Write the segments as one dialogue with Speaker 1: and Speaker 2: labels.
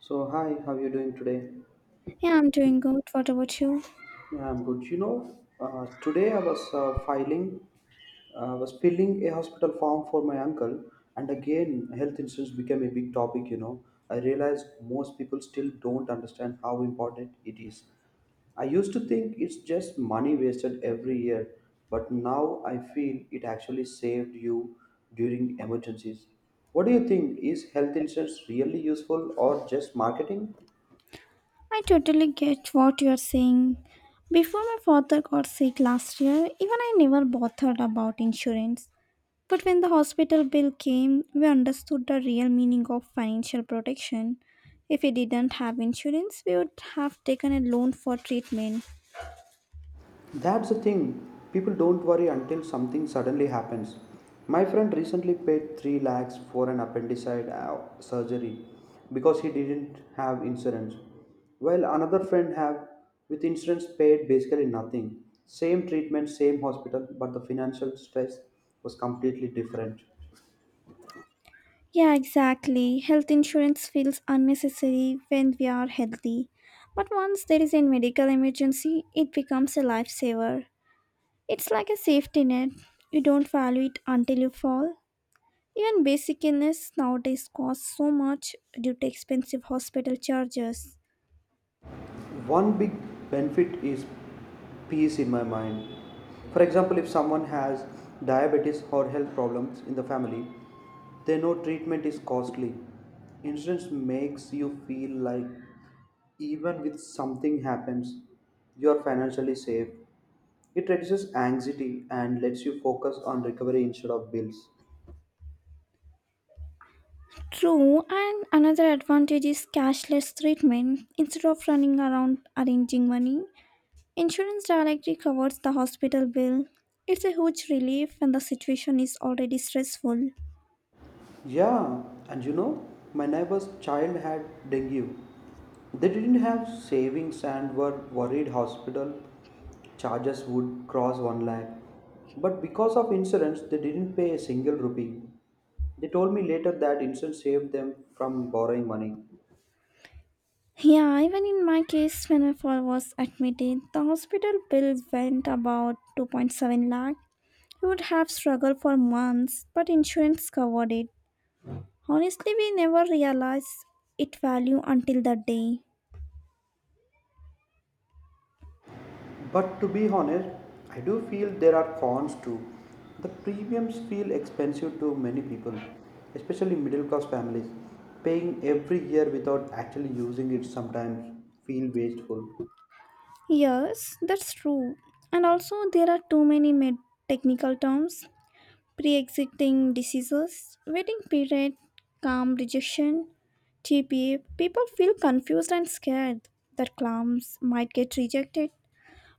Speaker 1: So, hi, how you doing today?
Speaker 2: Yeah, I'm doing good. What about you?
Speaker 1: Yeah, I'm good. Today I was I was filling a hospital form for my uncle, and again, health insurance became a big topic. You know, I realized most people still don't understand how important it is. I used to think it's just money wasted every year, but now I feel it actually saved you during emergencies. What do you think? Is health insurance really useful or just marketing?
Speaker 2: I totally get what you're saying. Before my father got sick last year, even I never bothered about insurance. But when the hospital bill came, we understood the real meaning of financial protection. If we didn't have insurance, we would have taken a loan for treatment.
Speaker 1: That's the thing. People don't worry until something suddenly happens. My friend recently paid 3 lakhs for an appendicite surgery because he didn't have insurance. While another friend have with insurance paid basically nothing. Same treatment, same hospital, but the financial stress was completely different.
Speaker 2: Yeah, exactly. Health insurance feels unnecessary when we are healthy. But once there is a medical emergency, it becomes a lifesaver. It's like a safety net. You don't value it until you fall. Even basic illness nowadays costs so much due to expensive hospital charges.
Speaker 1: One big benefit is peace in my mind. For example, if someone has diabetes or health problems in the family, they know treatment is costly. Insurance makes you feel like even if something happens, you are financially safe. It reduces anxiety and lets you focus on recovery instead of bills.
Speaker 2: True, and another advantage is cashless treatment. Instead of running around arranging money, insurance directly covers the hospital bill. It's a huge relief when the situation is already stressful.
Speaker 1: Yeah, and you know, my neighbor's child had dengue. They didn't have savings and were worried hospital charges would cross 1 lakh. But because of insurance, they didn't pay a single rupee. They told me later that insurance saved them from borrowing money.
Speaker 2: Yeah, even in my case, when my father was admitted, the hospital bill went about 2.7 lakh. He would have struggled for months, but insurance covered it. Honestly, we never realized its value until that day.
Speaker 1: But to be honest, I do feel there are cons too. The premiums feel expensive to many people, especially middle class families. Paying every year without actually using it sometimes feel wasteful.
Speaker 2: Yes, that's true. And also, there are too many technical terms, pre existing diseases, waiting period, calm rejection, TPA. People feel confused and scared that claims might get rejected.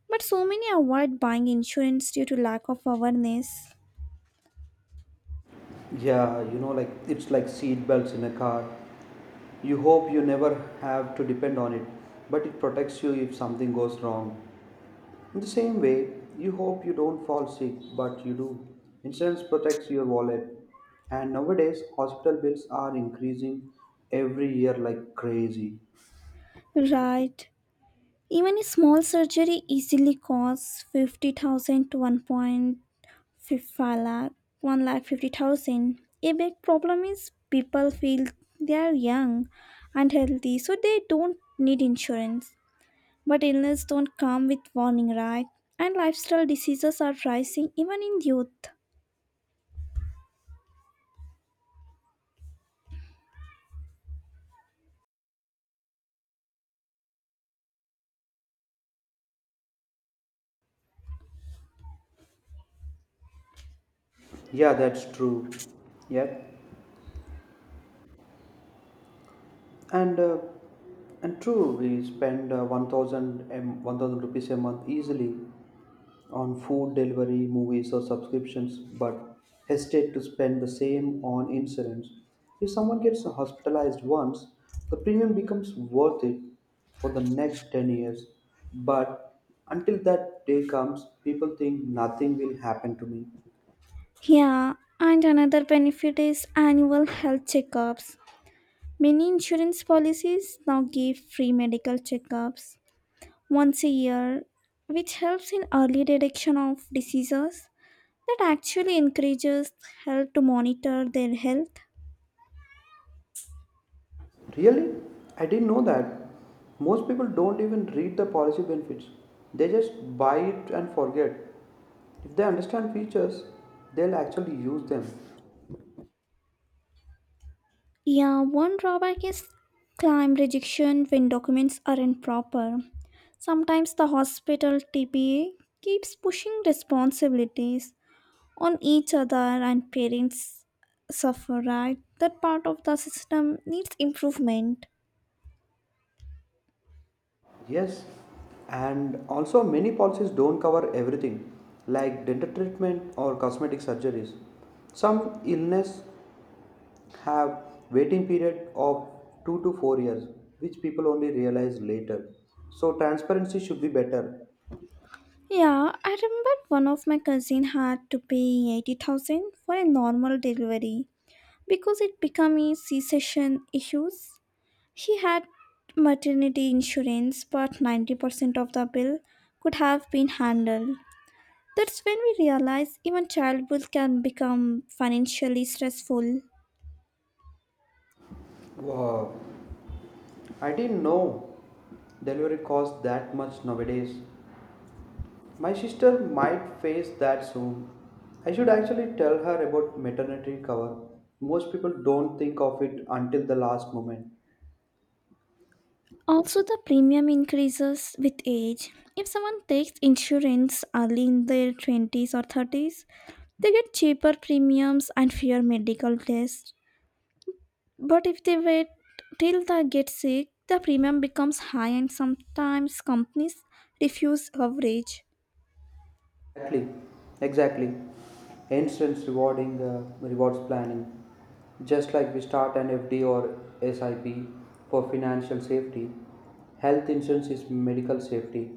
Speaker 2: But so many avoid buying insurance due to lack of awareness.
Speaker 1: Yeah, you know, like it's like seat belts in a car. You hope you never have to depend on it, but it protects you if something goes wrong. In the same way, you hope you don't fall sick, but you do. Insurance protects your wallet. And nowadays, hospital bills are increasing every year like crazy.
Speaker 2: Right. Even a small surgery easily costs 50,000 to 1.5 lakh, 1 lakh 50,000. A big problem is people feel they are young and healthy, so they don't need insurance. But illness don't come with warning, right? And lifestyle diseases are rising even in youth.
Speaker 1: Yeah, that's true. Yep. And uh, and true, we spend 1,000 1,000 rupees a month easily on food delivery, movies, or subscriptions, but hesitate to spend the same on insurance. If someone gets hospitalized once, the premium becomes worth it for the next 10 years. But until that day comes, people think nothing will happen to me.
Speaker 2: Yeah, and another benefit is annual health checkups. Many insurance policies now give free medical checkups once a year, which helps in early detection of diseases that actually encourages health to monitor their health.
Speaker 1: Really? I didn't know that. Most people don't even read the policy benefits, they just buy it and forget. If they understand features, they'll actually use them.
Speaker 2: Yeah, one drawback is claim rejection when documents aren't proper. Sometimes the hospital TPA keeps pushing responsibilities on each other and parents suffer, right? That part of the system needs improvement.
Speaker 1: Yes, and also many policies don't cover everything, like dental treatment or cosmetic surgeries. Some illness have waiting period of 2 to 4 years, which people only realize later. So transparency should be better.
Speaker 2: Yeah, I remember one of my cousin had to pay 80,000 for a normal delivery because it became a C-section issues. He had maternity insurance, but 90% of the bill could have been handled. That's when we realize even childbirth can become financially stressful.
Speaker 1: Wow, I didn't know delivery costs that much nowadays. My sister might face that soon. I should actually tell her about maternity cover. Most people don't think of it until the last moment.
Speaker 2: Also, the premium increases with age. If someone takes insurance early in their 20s or 30s, they get cheaper premiums and fewer medical tests. But if they wait till they get sick, the premium becomes high and sometimes companies refuse coverage.
Speaker 1: Exactly, exactly. Instance rewarding rewards planning, just like we start an FD or SIP for financial safety. Health insurance is medical safety.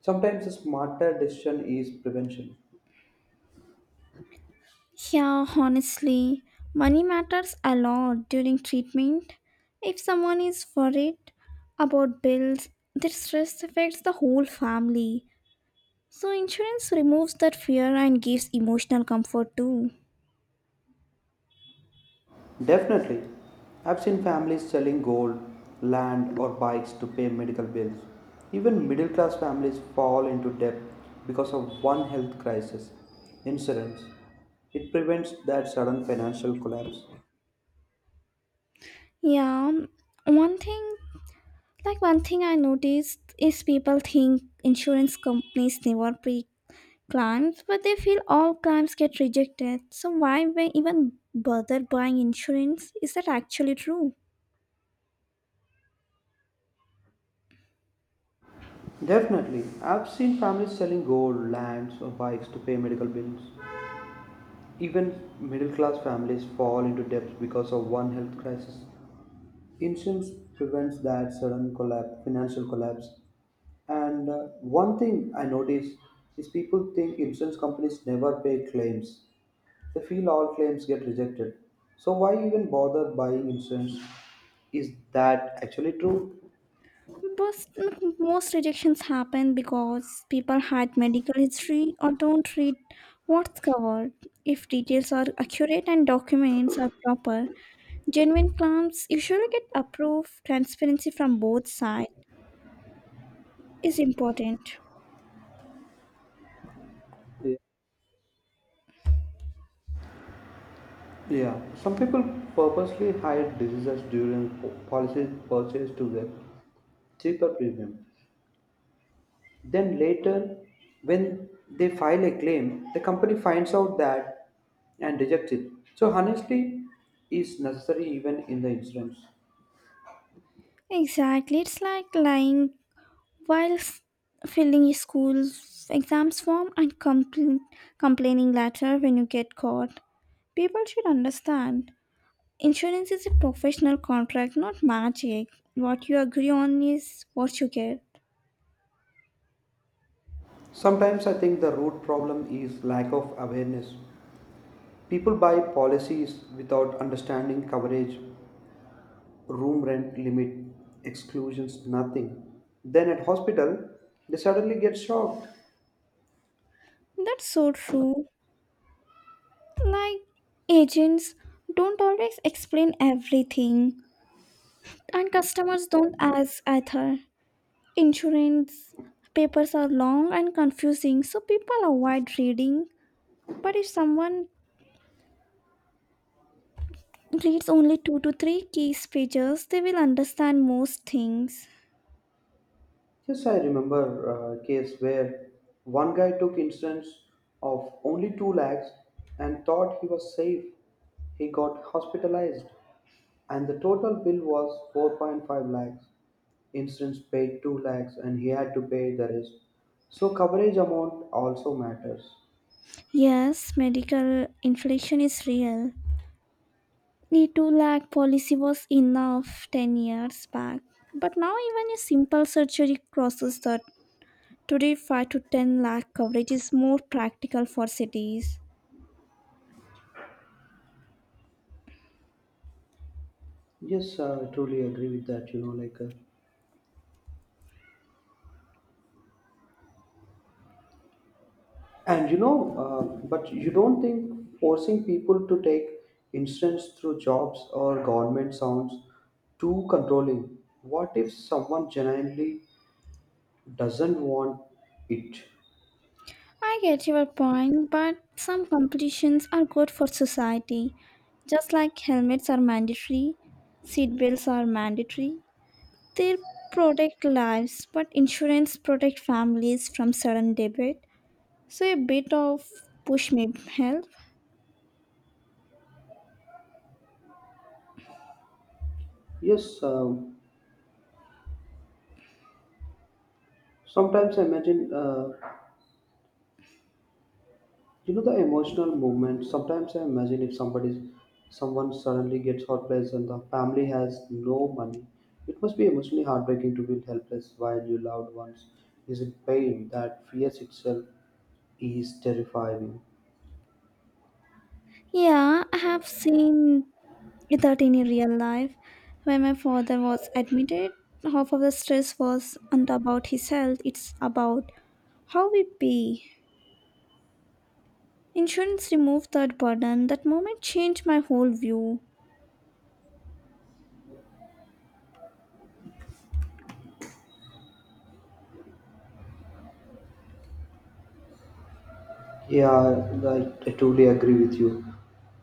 Speaker 1: Sometimes the smarter decision is prevention.
Speaker 2: Yeah, honestly, money matters a lot during treatment. If someone is worried about bills, their stress affects the whole family. So insurance removes that fear and gives emotional comfort too.
Speaker 1: Definitely. I've seen families selling gold, land, or bikes to pay medical bills. Even middle class families fall into debt because of one health crisis insurance. It prevents that sudden financial collapse.
Speaker 2: Yeah, one thing one thing I noticed is people think insurance companies never pay claims, but they feel all claims get rejected. So why we even bother buying insurance? Is that actually true?
Speaker 1: Definitely. I've seen families selling gold, lands, or bikes to pay medical bills. Even middle class families fall into debt because of one health crisis. Insurance prevents that sudden collapse, financial collapse. And one thing I notice is people think insurance companies never pay claims. They feel all claims get rejected. So why even bother buying insurance? Is that actually true?
Speaker 2: Most, most rejections happen because people hide medical history or don't read what's covered. If details are accurate and documents are proper, genuine claims usually get approved. Transparency from both sides is important.
Speaker 1: Yeah. Yeah, some people purposely hide diseases during policy purchase to get cheaper premium. Then later, when they file a claim, the company finds out that and rejects it. So honesty is necessary even in the insurance.
Speaker 2: Exactly, it's like lying while filling a school exams form and complaining later when you get caught. People should understand. Insurance is a professional contract, not magic. What you agree on is what you get.
Speaker 1: Sometimes I think the root problem is lack of awareness. People buy policies without understanding coverage, room rent limit, exclusions, nothing. Then at hospital, they suddenly get shocked.
Speaker 2: That's so true. Like, agents don't always explain everything, and customers don't ask either. Insurance papers are long and confusing, so people avoid reading. But if someone reads only two to three key pages, they will understand most things.
Speaker 1: Yes, I remember a case where one guy took insurance of only 2 lakhs and thought he was safe. He got hospitalized and the total bill was 4.5 lakhs. Insurance paid 2 lakhs and he had to pay the rest. So coverage amount also matters.
Speaker 2: Yes, medical inflation is real. The 2 lakh policy was enough 10 years back. But now, even a simple surgery crosses that. Today, 5 to 10 lakh coverage is more practical for cities.
Speaker 1: Yes, I truly agree with that. But you don't think forcing people to take insurance through jobs or government sounds too controlling? What if someone genuinely doesn't want it?
Speaker 2: I get your point, but some competitions are good for society. Just like helmets are mandatory, seatbelts are mandatory. They protect lives, but insurance protect families from sudden debit. So a bit of push may help.
Speaker 1: Yes, sometimes I imagine, you know, the emotional movement. Sometimes I imagine if somebody's someone suddenly gets hopeless and the family has no money, it must be emotionally heartbreaking to feel helpless while your loved ones is in pain that fears itself is terrifying.
Speaker 2: Yeah, I have seen that in real life. When my father was admitted, half of the stress was not about his health, it's about how we pay. Insurance removed that burden. That moment changed my whole view.
Speaker 1: Yeah, I totally agree with you.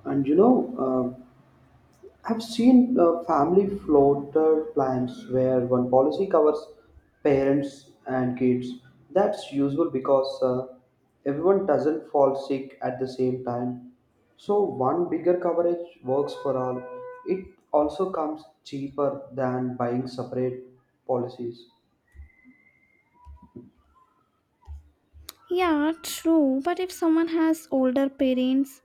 Speaker 1: And you know, I've seen family floater plans where one policy covers parents and kids. That's useful because everyone doesn't fall sick at the same time. So one bigger coverage works for all. It also comes cheaper than buying separate policies.
Speaker 2: Yeah, true, but if someone has older parents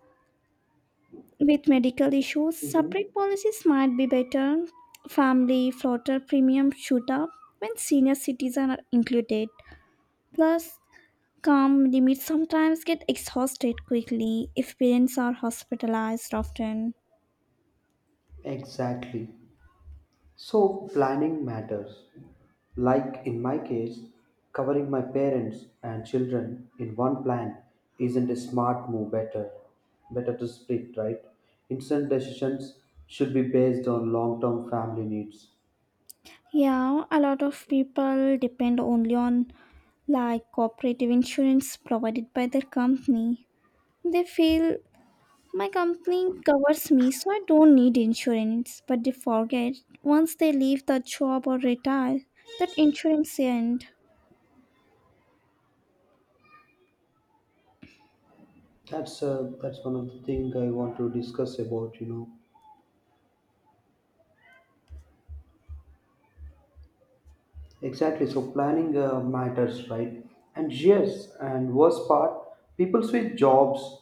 Speaker 2: with medical issues,
Speaker 1: Mm-hmm.
Speaker 2: separate policies might be better. Family floater premium shoot up when senior citizens are included. Plus, calm limits sometimes get exhausted quickly if parents are hospitalized often.
Speaker 1: Exactly. So, planning matters. Like in my case, covering my parents and children in one plan isn't a smart move better. Better to split, right? Instant decisions should be based on long-term family needs.
Speaker 2: Yeah, a lot of people depend only on like cooperative insurance provided by their company. They feel my company covers me, so I don't need insurance. But they forget once they leave the job or retire, that insurance end.
Speaker 1: That's one of the things I want to discuss about, you know. Exactly. So planning matters, right? And yes, and worst part, people switch jobs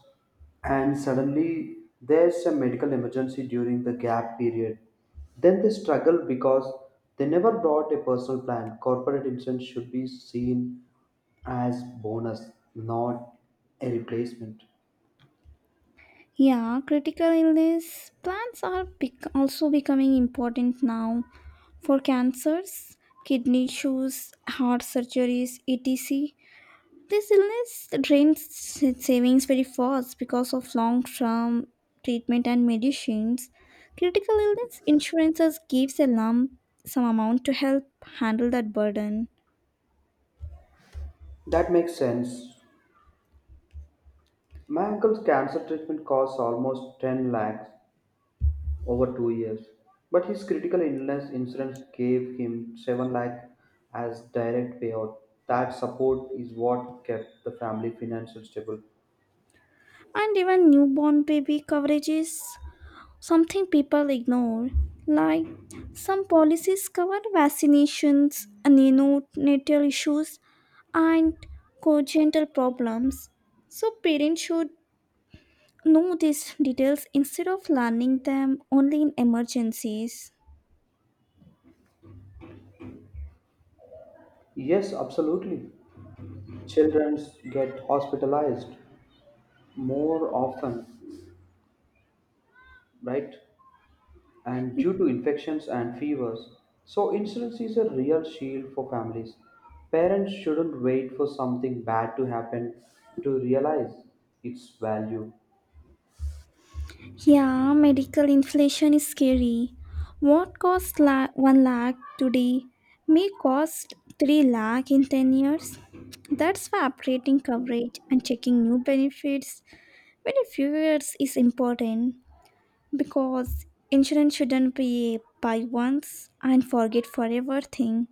Speaker 1: and suddenly there's a medical emergency during the gap period. Then they struggle because they never brought a personal plan. Corporate insurance should be seen as bonus, not a replacement.
Speaker 2: Yeah, critical illness plans are also becoming important now for cancers, kidney issues, heart surgeries, etc. This illness drains savings very fast because of long term treatment and medicines. Critical illness insurances gives a lump sum amount to help handle that burden.
Speaker 1: That makes sense. My uncle's cancer treatment costs almost 10 lakhs over 2 years. But his critical illness insurance gave him 7 lakh as direct payout. That support is what kept the family financially stable.
Speaker 2: And even newborn baby coverage is something people ignore. Like some policies cover vaccinations, neonatal issues, and congenital problems. So parents should know these details instead of learning them only in emergencies.
Speaker 1: Yes, absolutely. Children get hospitalized more often, right? And due to infections and fevers. So insurance is a real shield for families. Parents shouldn't wait for something bad to happen to realize its value.
Speaker 2: Yeah, medical inflation is scary. What cost 1 lakh today may cost 3 lakh in 10 years. That's why upgrading coverage and checking new benefits every few years is important, because insurance shouldn't be a buy once and forget forever thing.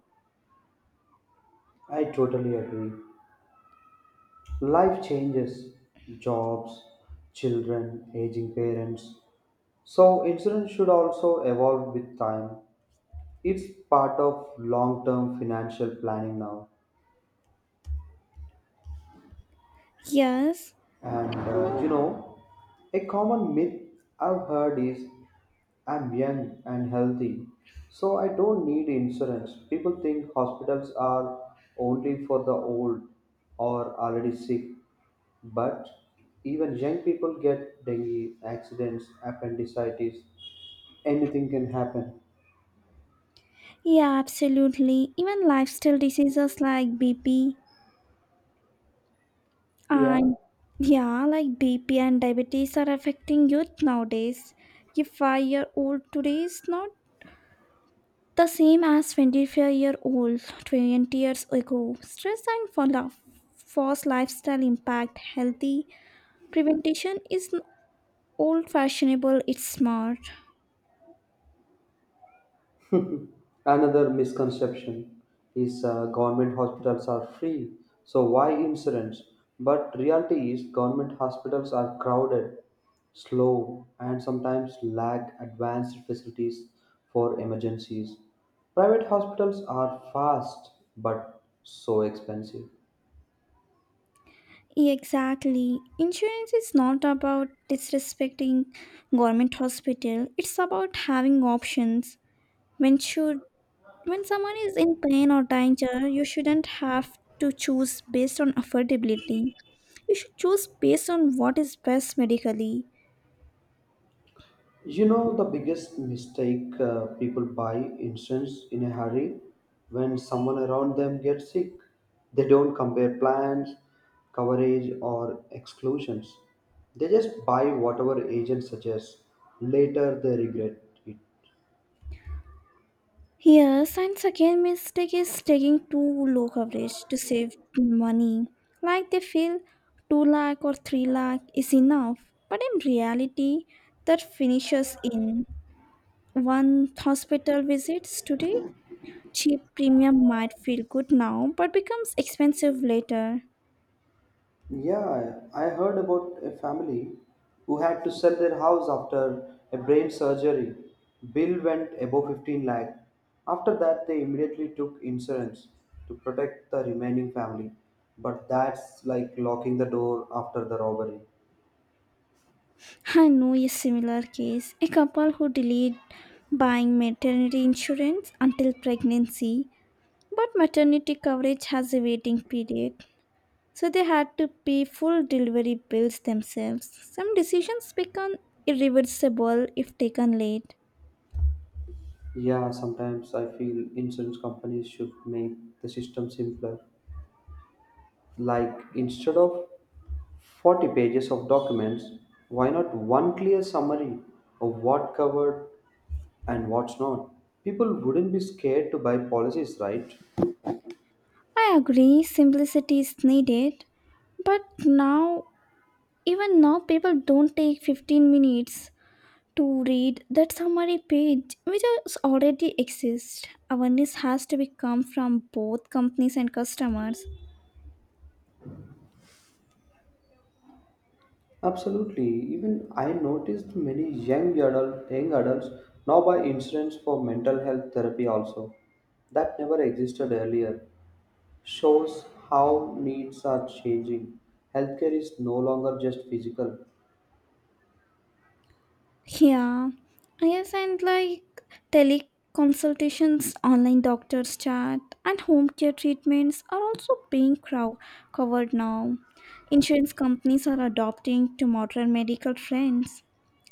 Speaker 1: I totally agree. Life changes, jobs, children, aging parents. So, insurance should also evolve with time. It's part of long term financial planning now.
Speaker 2: Yes.
Speaker 1: And you know, a common myth I've heard is I'm young and healthy, so I don't need insurance. People think hospitals are only for the old or already sick, but even young people get dengue, accidents, appendicitis, anything can happen.
Speaker 2: Yeah, absolutely. Even lifestyle diseases like BP
Speaker 1: Yeah.
Speaker 2: and yeah, like BP and diabetes are affecting youth nowadays. A five-year-old today is not the same as 25-year-old 20 years ago. Stress and follow forced lifestyle impact healthy. Prevention is old fashionable. It's smart.
Speaker 1: Another misconception is government hospitals are free, so why insurance? But reality is government hospitals are crowded, slow, and sometimes lack advanced facilities for emergencies. Private hospitals are fast but so expensive.
Speaker 2: Exactly. Insurance is not about disrespecting government hospital. It's about having options. When should when someone is in pain or danger, you shouldn't have to choose based on affordability. You should choose based on what is best medically.
Speaker 1: You know, the biggest mistake people buy insurance in a hurry when someone around them gets sick. They don't compare plans, coverage, or exclusions. They just buy whatever agent suggests. Later, they regret it.
Speaker 2: Here, science again mistake is taking too low coverage to save money. Like they feel 2 lakh or 3 lakh is enough. But in reality, that finishes in. One hospital visits today, cheap premium might feel good now but becomes expensive later.
Speaker 1: Yeah, I heard about a family who had to sell their house after a brain surgery. Bill went above 15 lakh. After that, they immediately took insurance to protect the remaining family. But that's like locking the door after the robbery.
Speaker 2: I know a similar case. A couple who delayed buying maternity insurance until pregnancy, but maternity coverage has a waiting period. So they had to pay full delivery bills themselves. Some decisions become irreversible if taken late.
Speaker 1: Yeah, sometimes I feel insurance companies should make the system simpler. Like instead of 40 pages of documents, why not one clear summary of what covered and what's not. People wouldn't be scared to buy policies, right?
Speaker 2: I agree, simplicity is needed, but now Even now, people don't take 15 minutes to read that summary page, which is already exists. Awareness has to be come from both companies and customers.
Speaker 1: Absolutely. Even I noticed many young adults now buy insurance for mental health therapy also. That never existed earlier. Shows how needs are changing. Healthcare is no longer just physical.
Speaker 2: Yeah, yes, and like teleconsultations, online doctors chat, and home care treatments are also being covered now. Insurance companies are adopting to modern medical trends.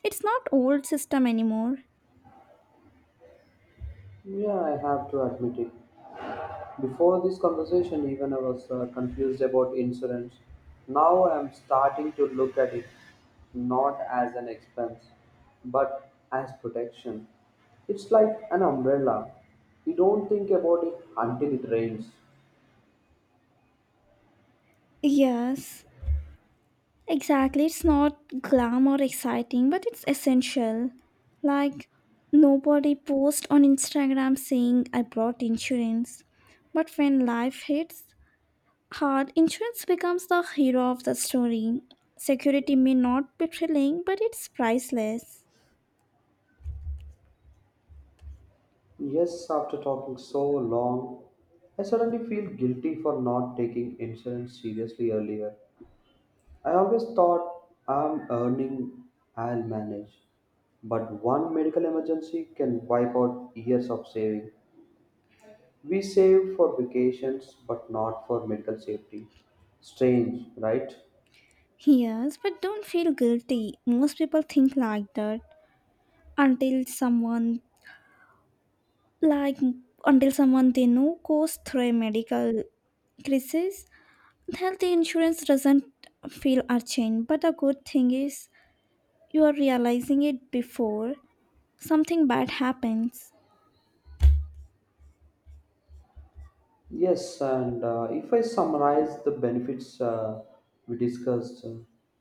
Speaker 2: It's not old system anymore.
Speaker 1: Yeah, I have to admit it. Before this conversation, even I was confused about insurance. Now I'm starting to look at it not as an expense, but as protection. It's like an umbrella. You don't think about it until it rains.
Speaker 2: Yes. Exactly, it's not glam or exciting, but it's essential. Like, nobody posts on Instagram saying, I brought insurance. But when life hits hard, insurance becomes the hero of the story. Security may not be thrilling, but it's priceless.
Speaker 1: Yes, after talking so long, I suddenly feel guilty for not taking insurance seriously earlier. I always thought I'm earning, I'll manage. But one medical emergency can wipe out years of saving. We save for vacations, but not for medical safety. Strange, right?
Speaker 2: Yes, but don't feel guilty. Most people think like that until someone, like, until someone they know goes through a medical crisis. Health insurance doesn't feel urgent, but a good thing is you are realizing it before something bad happens.
Speaker 1: Yes, and if I summarize the benefits we discussed, uh,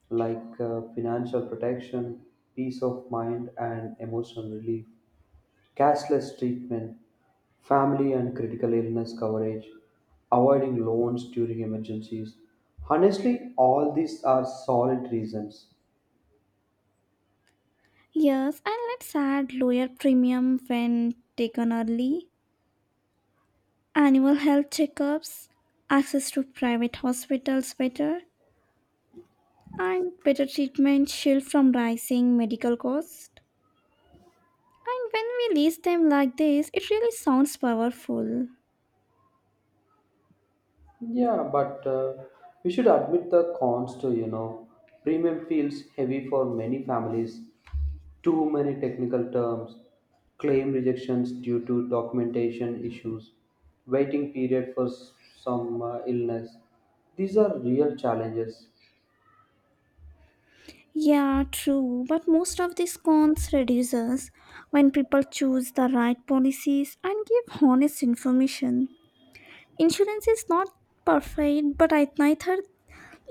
Speaker 1: like uh, financial protection, peace of mind, and emotional relief, cashless treatment, family and critical illness coverage, avoiding loans during emergencies. Honestly, all these are solid reasons.
Speaker 2: Yes, and let's add lower premium when taken early, annual health checkups, access to private hospitals better, and better treatment shield from rising medical costs. And when we list them like this, it really sounds powerful.
Speaker 1: Yeah, but we should admit the cons too, you know. Premium feels heavy for many families, too many technical terms, claim rejections due to documentation issues, waiting period for some illness. These are real challenges.
Speaker 2: Yeah, true. But most of these cons reduces when people choose the right policies and give honest information. Insurance is not perfect, but I neither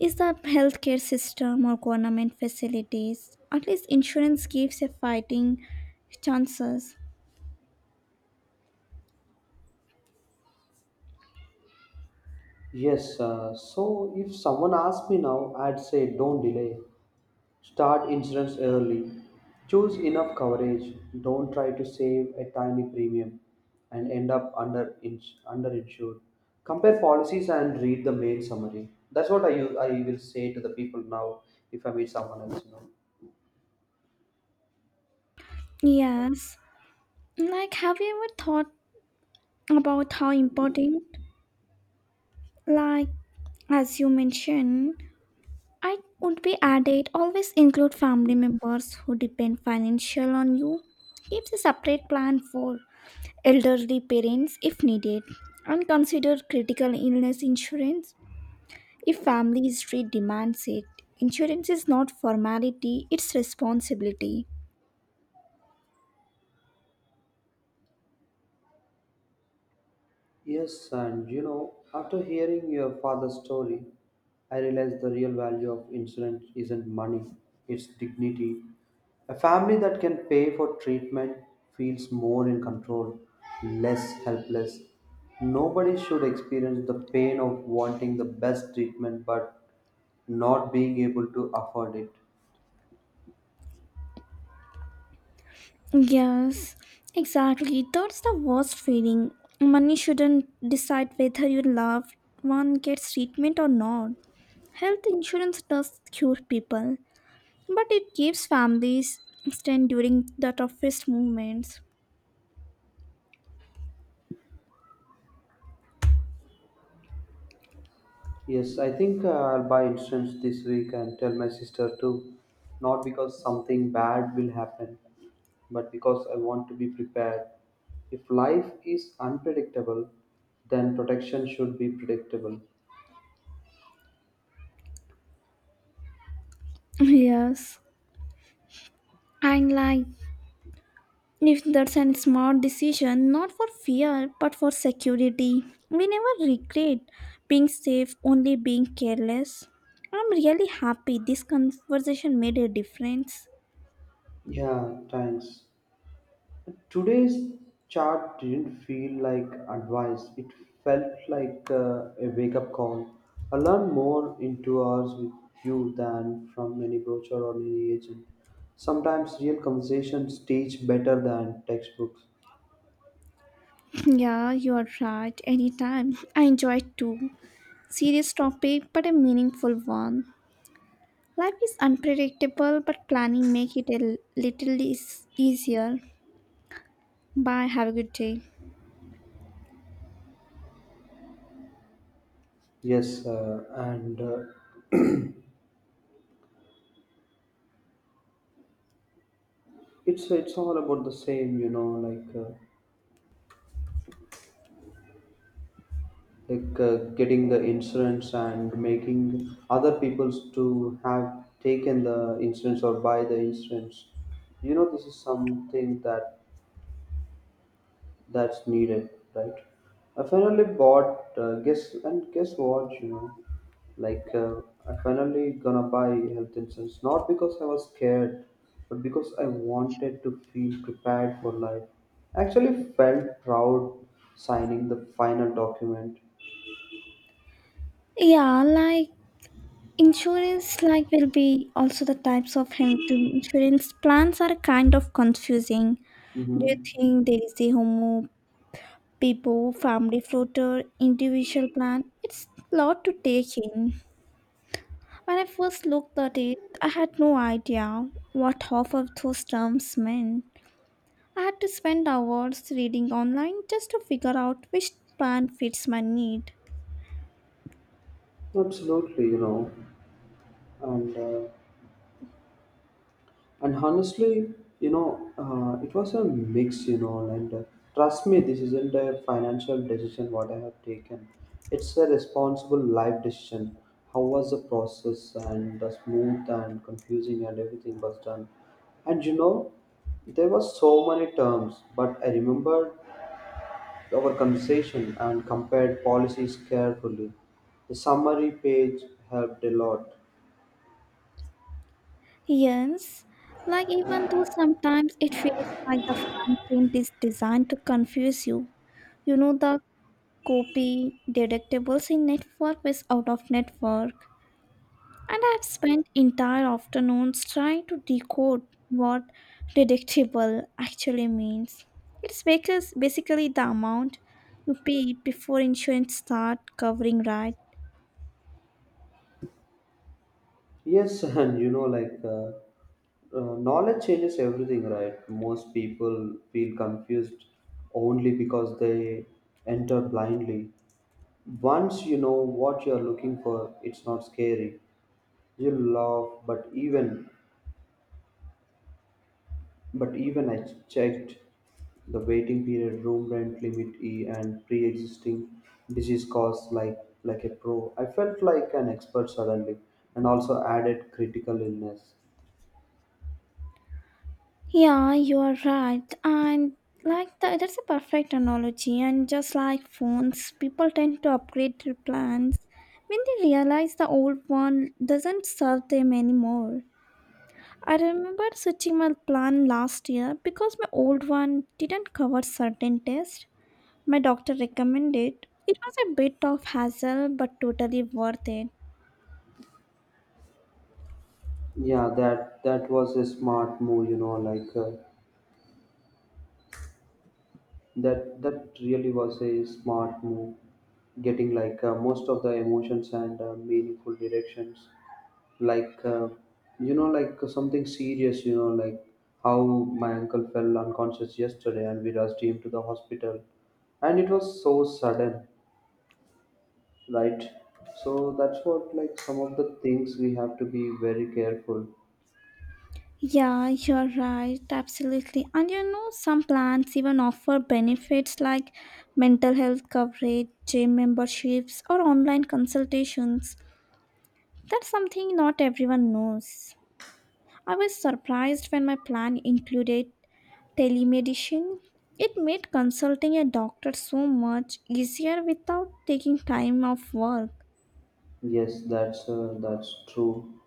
Speaker 2: is the healthcare system or government facilities. At least insurance gives a fighting chances.
Speaker 1: Yes, so if someone asked me now, I'd say don't delay. Start insurance early. Choose enough coverage. Don't try to save a tiny premium and end up under underinsured. Compare policies and read the main summary. That's what I use, I will say to the people now if I meet someone else. You know.
Speaker 2: Yes. Like, have you ever thought about how important, like, as you mentioned, I would be added always include family members who depend financially on you. Keep a separate plan for elderly parents if needed, and consider critical illness insurance if family history demands it. Insurance is not formality, it's responsibility.
Speaker 1: Yes, and you know, after hearing your father's story, I realized the real value of insurance isn't money, it's dignity. A family that can pay for treatment feels more in control, less helpless. Nobody should experience the pain of wanting the best treatment but not being able to afford it.
Speaker 2: Yes, exactly. That's the worst feeling. Money shouldn't decide whether your loved one gets treatment or not. Health insurance does cure people, but it keeps families stand during the toughest moments.
Speaker 1: Yes, I think I'll buy insurance this week and tell my sister too. Not because something bad will happen, but because I want to be prepared. If life is unpredictable, then protection should be predictable.
Speaker 2: Yes, and like, if that's a smart decision, not for fear but for security. We never regret being safe, only being careless. I'm really happy this conversation made a difference.
Speaker 1: Yeah, thanks. Today's chat didn't feel like advice, it felt like a wake up call. I learned more in 2 hours with you than from any brochure or any agent. Sometimes real conversations teach better than textbooks.
Speaker 2: Yeah, you are right. Anytime. I enjoy it too. Serious topic, but a meaningful one. Life is unpredictable, but planning make it a little is easier. Bye. Have a good day.
Speaker 1: Yes, and it's all about the same, you know, like, getting the insurance and making other peoples to have taken the insurance or buy the insurance. You know, this is something that that's needed, right? I finally bought guess, and guess what? You know, like uh, I finally gonna buy health insurance, not because I was scared, but because I wanted to feel prepared for life. I actually felt proud signing the final document.
Speaker 2: Yeah, like insurance, like will be also the types of health insurance plans are kind of confusing. Do you
Speaker 1: Mm-hmm.
Speaker 2: think there is a homo, people, family floater, individual plan? It's a lot to take in. When I first looked at it, I had no idea what half of those terms meant. I had to spend hours reading online just to figure out which plan fits my need.
Speaker 1: Absolutely, you know, and uh, and honestly, you know, it was a mix, you know, and trust me, this isn't a financial decision what I have taken. It's a responsible life decision. How was the process? And the smooth and confusing and everything was done, and you know, there were so many terms, but I remembered our conversation and compared policies carefully. The summary page helped a lot.
Speaker 2: Yes, like even though sometimes it feels like the fine print is designed to confuse you. You know, the copy deductibles, in network is out of network. And I've spent entire afternoons trying to decode what deductible actually means. It's because basically the amount you pay before insurance start covering, right.
Speaker 1: Yes, and you know, knowledge changes everything, right? Most people feel confused only because they enter blindly. Once you know what you are looking for, it's not scary. You laugh, but even I checked the waiting period, room rent limit E, and pre-existing disease costs like a pro. I felt like an expert suddenly, and also added critical illness.
Speaker 2: Yeah, you are right. And like that's a perfect analogy. And just like phones, people tend to upgrade their plans when they realize the old one doesn't serve them anymore. I remember switching my plan last year because my old one didn't cover certain tests my doctor recommended. It was a bit of hassle but totally worth it.
Speaker 1: Yeah, that was a smart move, you know, like that that really was a smart move, getting most of the emotions and meaningful directions, like uh, you know, like something serious, you know, like how my uncle fell unconscious yesterday and we rushed him to the hospital, and it was so sudden, right? So that's what like some of the things we have to be very careful.
Speaker 2: Yeah, you're right. Absolutely. And some plans even offer benefits like mental health coverage, gym memberships, or online consultations. That's something not everyone knows. I was surprised when my plan included telemedicine. It made consulting a doctor so much easier without taking time off work.
Speaker 1: Yes, that's true.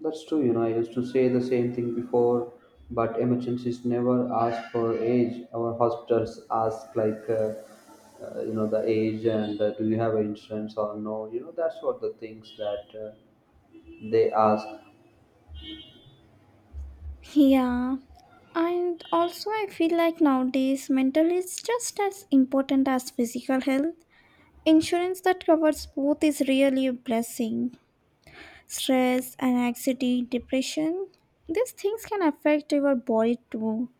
Speaker 1: That's true, you know, I used to say the same thing before, but emergencies never ask for age. Our hospitals ask, you know, the age and do you have insurance or no? You know, that's what the things that they ask.
Speaker 2: Yeah, and also, I feel like nowadays mental is just as important as physical health. Insurance that covers both is really a blessing. Stress, anxiety, depression, these things can affect your body too.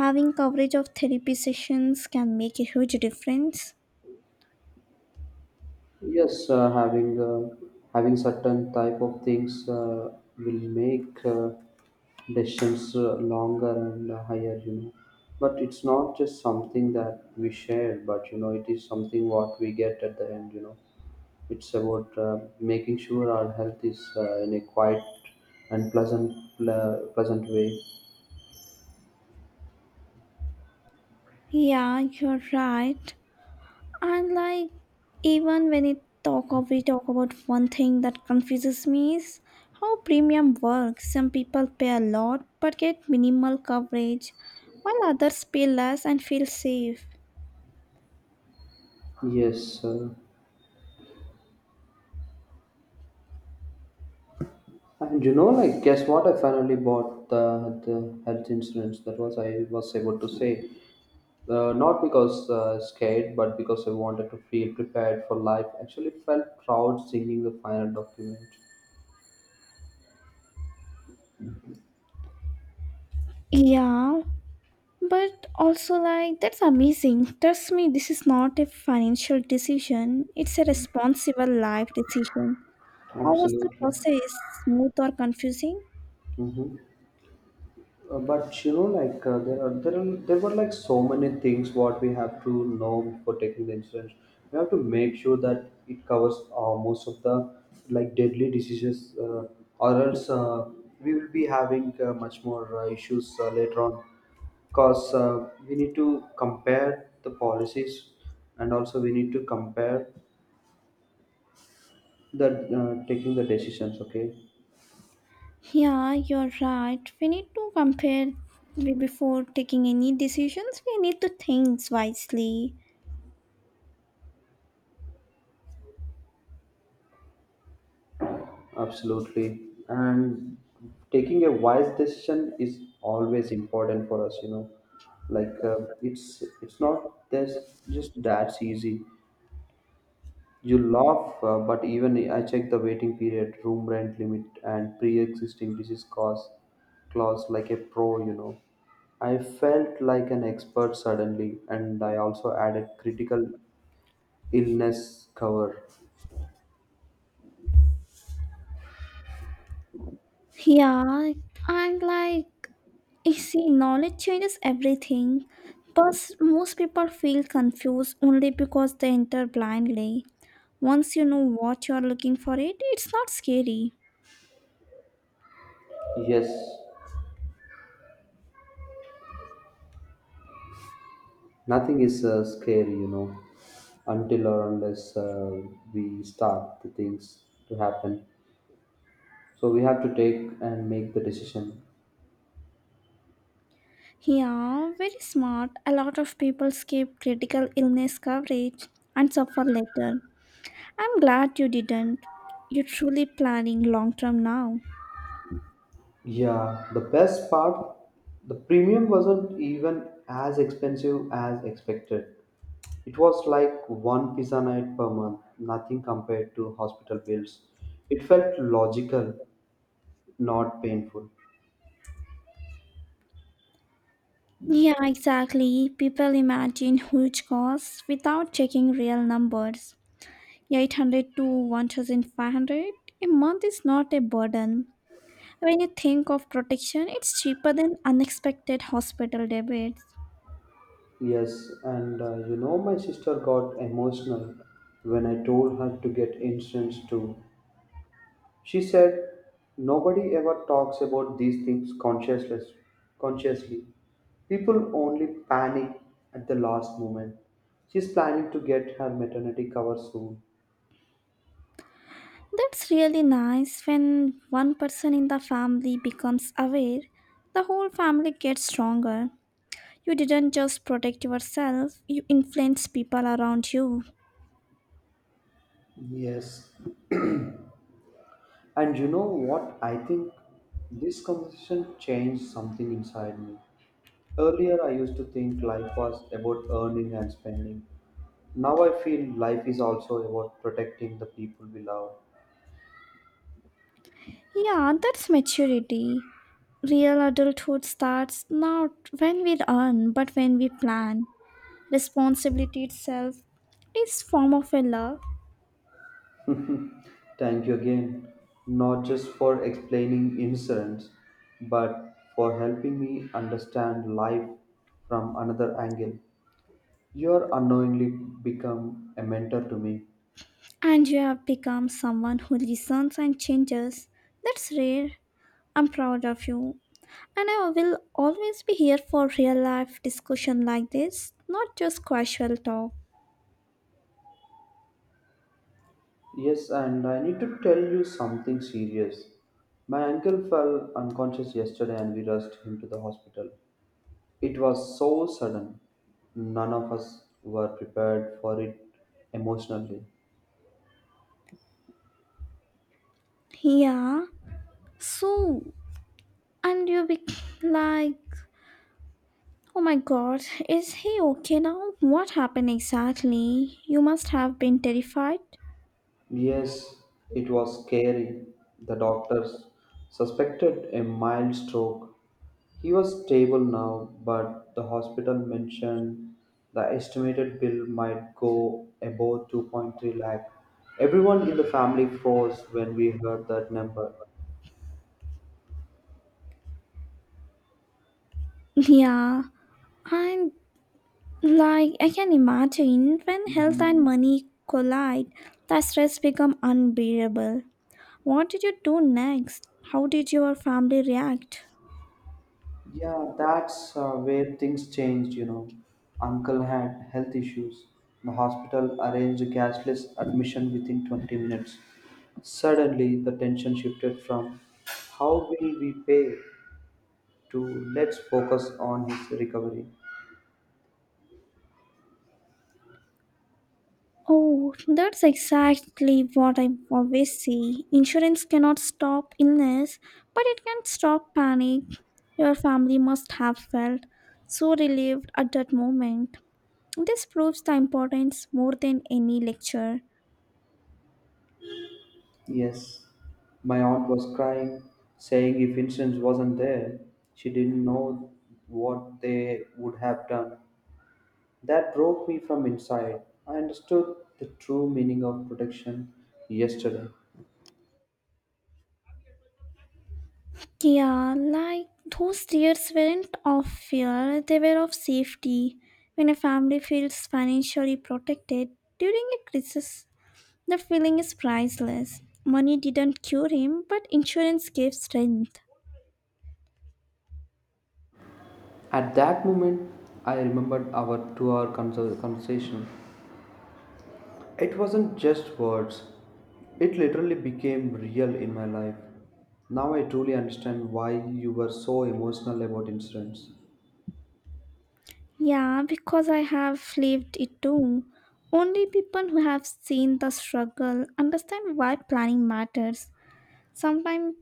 Speaker 2: Having coverage of therapy sessions can make a huge difference.
Speaker 1: Yes, having certain type of things will make decisions longer and higher, you know. But it's not just something that we share, but you know, it is something what we get at the end, you know. It's about making sure our health is in a quiet and pleasant way.
Speaker 2: Yeah, you're right. And like even when it talk of we talk about one thing that confuses me is how premium works. Some people pay a lot but get minimal coverage, while others pay less and feel safe.
Speaker 1: Yes, and you know, like, guess what? I finally bought the health insurance. That was I was able to say, not because scared, but because I wanted to feel prepared for life. Actually, felt proud singing the final document.
Speaker 2: Yeah, but also, like, that's amazing. Trust me, this is not a financial decision, it's a responsible life decision. How was the
Speaker 1: Absolutely.
Speaker 2: process? Smooth or confusing?
Speaker 1: Mm-hmm. But you know, like, there were like so many things what we have to know for taking the insurance. We have to make sure that it covers most of the like deadly diseases, or else we will be having much more issues later on. Because we need to compare the policies, and also we need to compare the taking the decisions. Okay.
Speaker 2: Yeah, you're right. We need to compare before taking any decisions. We need to think wisely.
Speaker 1: Absolutely. And taking a wise decision is always important for us, you know. It's not this just that's easy. You laugh, but even I check the waiting period, room rent limit, and pre-existing disease cause clause like a pro, you know. I felt like an expert suddenly, and I also added critical illness cover.
Speaker 2: Yeah, and like you see, knowledge changes everything, but most people feel confused only because they enter blindly. Once you know what you are looking for it, it's not scary.
Speaker 1: Yes, nothing is scary, you know, until or unless we start the things to happen. So we have to take and make the decision.
Speaker 2: Yeah, very smart. A lot of people skip critical illness coverage and suffer later. I'm glad you didn't. You're truly planning long term now.
Speaker 1: Yeah, the best part, the premium wasn't even as expensive as expected. It was like one pizza night per month, nothing compared to hospital bills. It felt logical, not painful.
Speaker 2: Yeah, exactly. People imagine huge costs without checking real numbers. 800 to 1500 a month is not a burden. When you think of protection, it's cheaper than unexpected hospital debits.
Speaker 1: Yes, and you know, my sister got emotional when I told her to get insurance too. She said, nobody ever talks about these things consciously. Consciously. People only panic at the last moment. She's planning to get her maternity cover soon.
Speaker 2: That's really nice when one person in the family becomes aware, the whole family gets stronger. You didn't just protect yourself, you influence people around you.
Speaker 1: Yes. And you know what? I think this conversation changed something inside me. Earlier, I used to think life was about earning and spending. Now I feel life is also about protecting the people we love.
Speaker 2: Yeah, that's maturity. Real adulthood starts not when we earn, but when we plan. Responsibility itself is form of a love,
Speaker 1: Thank you again, not just for explaining insurance, but for helping me understand life from another angle. You are unknowingly become a mentor to me.
Speaker 2: and you have become someone who listens and changes. That's rare. I'm proud of you. And I will always be here for real life discussion like this, not just casual talk.
Speaker 1: Yes, and I need to tell you something serious. My uncle fell unconscious yesterday and we rushed him to the hospital. It was so sudden. None of us were prepared for it emotionally.
Speaker 2: Yeah. So, and you be like, oh my god, is he okay now? What happened exactly? You must have been terrified.
Speaker 1: Yes, it was scary. The doctors suspected a mild stroke. He was stable now, but the hospital mentioned the estimated bill might go above 2.3 lakh. Everyone in the family froze when we heard that number.
Speaker 2: Yeah. And like I can imagine when health and
Speaker 1: Mhm.
Speaker 2: money collide, the stress become unbearable. What did you do next? How did your family react?
Speaker 1: Yeah, that's where things changed, you know. Uncle had health issues. The hospital arranged a cashless admission within 20 minutes. Suddenly, the tension shifted from how will we pay to let's focus on his recovery.
Speaker 2: Oh, that's exactly what I always say. Insurance cannot stop illness, but it can stop panic. Your family must have felt so relieved at that moment. This proves the importance more than any lecture.
Speaker 1: Yes, my aunt was crying, saying if Vincent wasn't there, she didn't know what they would have done. That broke me from inside. I understood the true meaning of protection yesterday.
Speaker 2: Yeah, like those tears weren't of fear, they were of safety. When a family feels financially protected during a crisis, the feeling is priceless. Money didn't cure him, but insurance gave strength.
Speaker 1: At that moment, I remembered our 2 hour conversation. It wasn't just words, it literally became real in my life. Now I truly understand why you were so emotional about incidents.
Speaker 2: Yeah, because I have lived it too. Only people who have seen the struggle understand why planning matters. Sometimes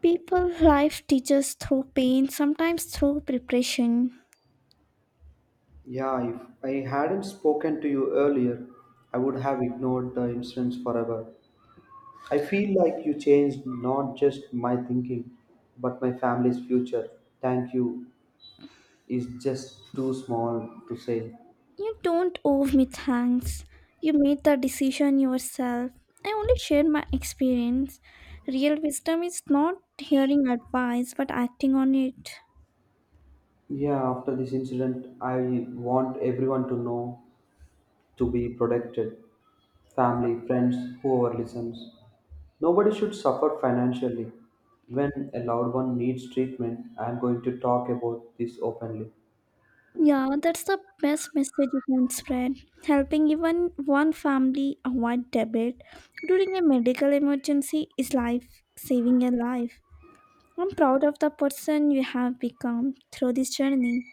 Speaker 2: people life teaches through pain, sometimes through preparation.
Speaker 1: Yeah, if I hadn't spoken to you earlier, I would have ignored the incidents forever. I feel like you changed not just my thinking, but my family's future. Thank you is just too small to say.
Speaker 2: You don't owe me thanks. You made the decision yourself. I only shared my experience. Real wisdom is not hearing advice but acting on it.
Speaker 1: Yeah, after this incident, I want everyone to know to be protected: family, friends, whoever listens. Nobody should suffer financially. When a loved one needs treatment, I am going to talk about this openly.
Speaker 2: Yeah, that's the best message you can spread. Helping even one family avoid debit during a medical emergency is life saving a life. I'm proud of the person you have become through this journey.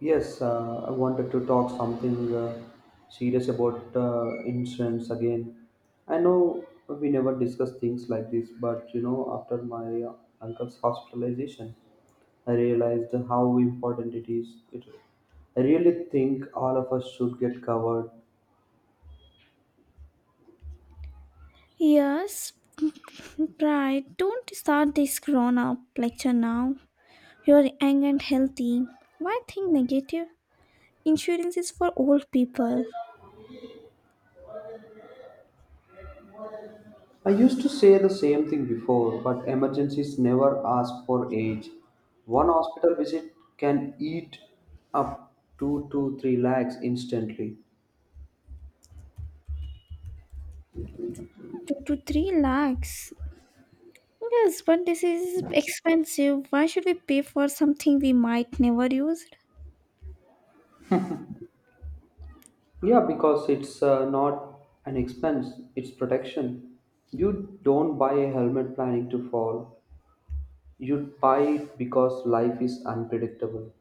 Speaker 1: Yes, I wanted to talk something serious about insurance again. I know we never discuss things like this, but you know, after my uncle's hospitalization, I realized how important it is. It, I really think all of us should get covered.
Speaker 2: Yes, right. Don't start this grown up lecture now. You're young and healthy. Why think negative? Insurance is for old people.
Speaker 1: I used to say the same thing before, but emergencies never ask for age. One hospital visit can eat up two to three lakhs instantly.
Speaker 2: Two to three lakhs. Yes, but this is expensive. Why should we pay for something we might never use?
Speaker 1: Yeah, because it's not an expense, it's protection. You don't buy a helmet planning to fall. You buy it because life is unpredictable.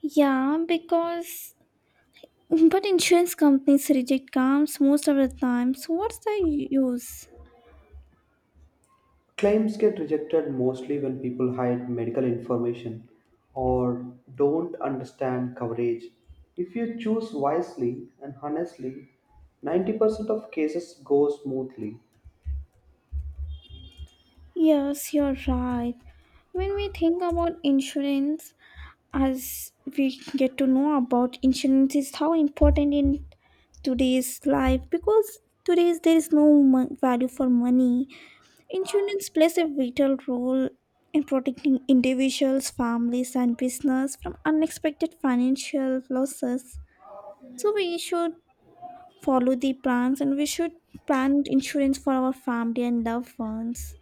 Speaker 2: Yeah, because but insurance companies reject claims most of the time. So what's the use?
Speaker 1: Claims get rejected mostly when people hide medical information or don't understand coverage. If you choose wisely and honestly, 90% of cases go smoothly.
Speaker 2: Yes, you're right. When we think about insurance, as we get to know about insurance is how important it today's life, because today's there is no value for money, insurance plays a vital role in protecting individuals, families and business from unexpected financial losses, so we should follow the plans and we should plan insurance for our family and loved ones.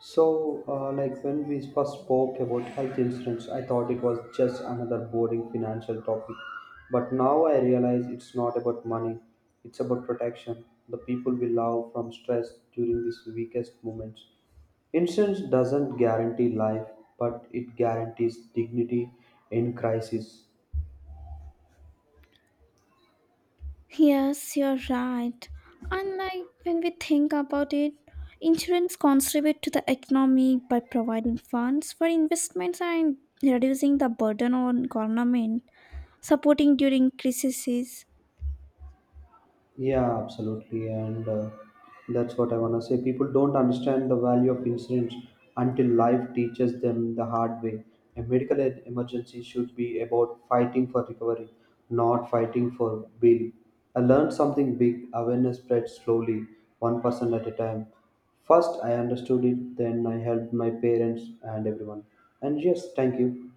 Speaker 1: So, like when we first spoke about health insurance, I thought it was just another boring financial topic. But now I realize it's not about money, it's about protection. The people we love from stress during these weakest moments. Insurance doesn't guarantee life, but it guarantees dignity in crisis.
Speaker 2: Yes, you're right. And like when we think about it, insurance contribute to the economy by providing funds for investments and reducing the burden on government, supporting during crises.
Speaker 1: Yeah, absolutely. And that's what I want to say. People don't understand the value of insurance until life teaches them the hard way. A medical emergency should be about fighting for recovery, not fighting for bill. I learned something big. Awareness spreads slowly, one person at a time. First, I understood it, then I helped my parents and everyone. And yes, thank you.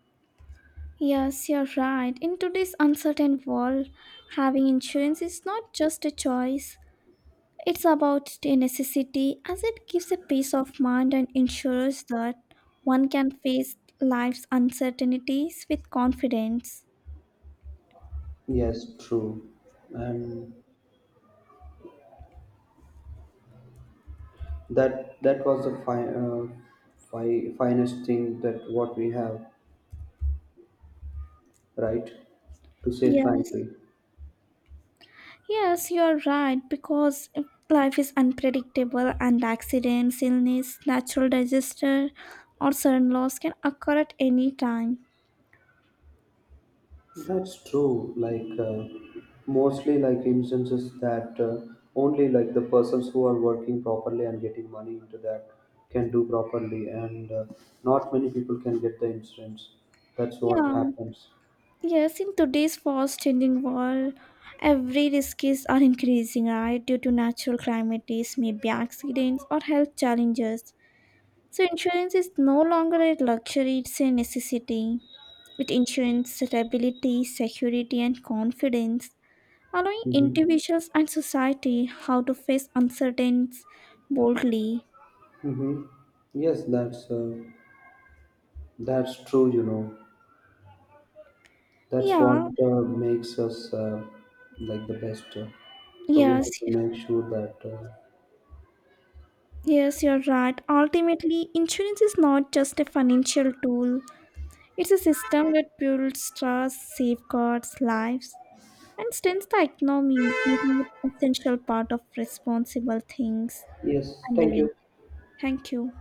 Speaker 2: Yes, you're right. In today's uncertain world, having insurance is not just a choice. It's about a necessity, as it gives a peace of mind and ensures that one can face life's uncertainties with confidence.
Speaker 1: Yes, true. And that that was the fi- fi- finest thing that what we have, right, to say
Speaker 2: Yes.
Speaker 1: frankly.
Speaker 2: Yes, you're right, because life is unpredictable and accidents, illness, natural disaster, or sudden loss can occur at any time.
Speaker 1: That's true, mostly like instances that only like the persons who are working properly and getting money into that can do properly, and not many people can get the insurance. That's what
Speaker 2: Yeah.
Speaker 1: happens.
Speaker 2: Yes, in today's fast changing world, every risks are increasing, right? Due to natural calamities, maybe accidents or health challenges. So insurance is no longer a luxury, it's a necessity. It ensures stability, security and confidence, allowing
Speaker 1: Mm-hmm.
Speaker 2: individuals and society how to face uncertainties boldly.
Speaker 1: Mm-hmm. Yes, that's true, you know. That's what
Speaker 2: Yeah,
Speaker 1: makes us like the best. So we
Speaker 2: yes,
Speaker 1: have to make sure that.
Speaker 2: yes, you're right. Ultimately, insurance is not just a financial tool, it's a system that builds trust, safeguards lives, and strengthens the economy, making it an essential part of responsible things
Speaker 1: Yes,
Speaker 2: and
Speaker 1: thank
Speaker 2: living.
Speaker 1: you.
Speaker 2: Thank you.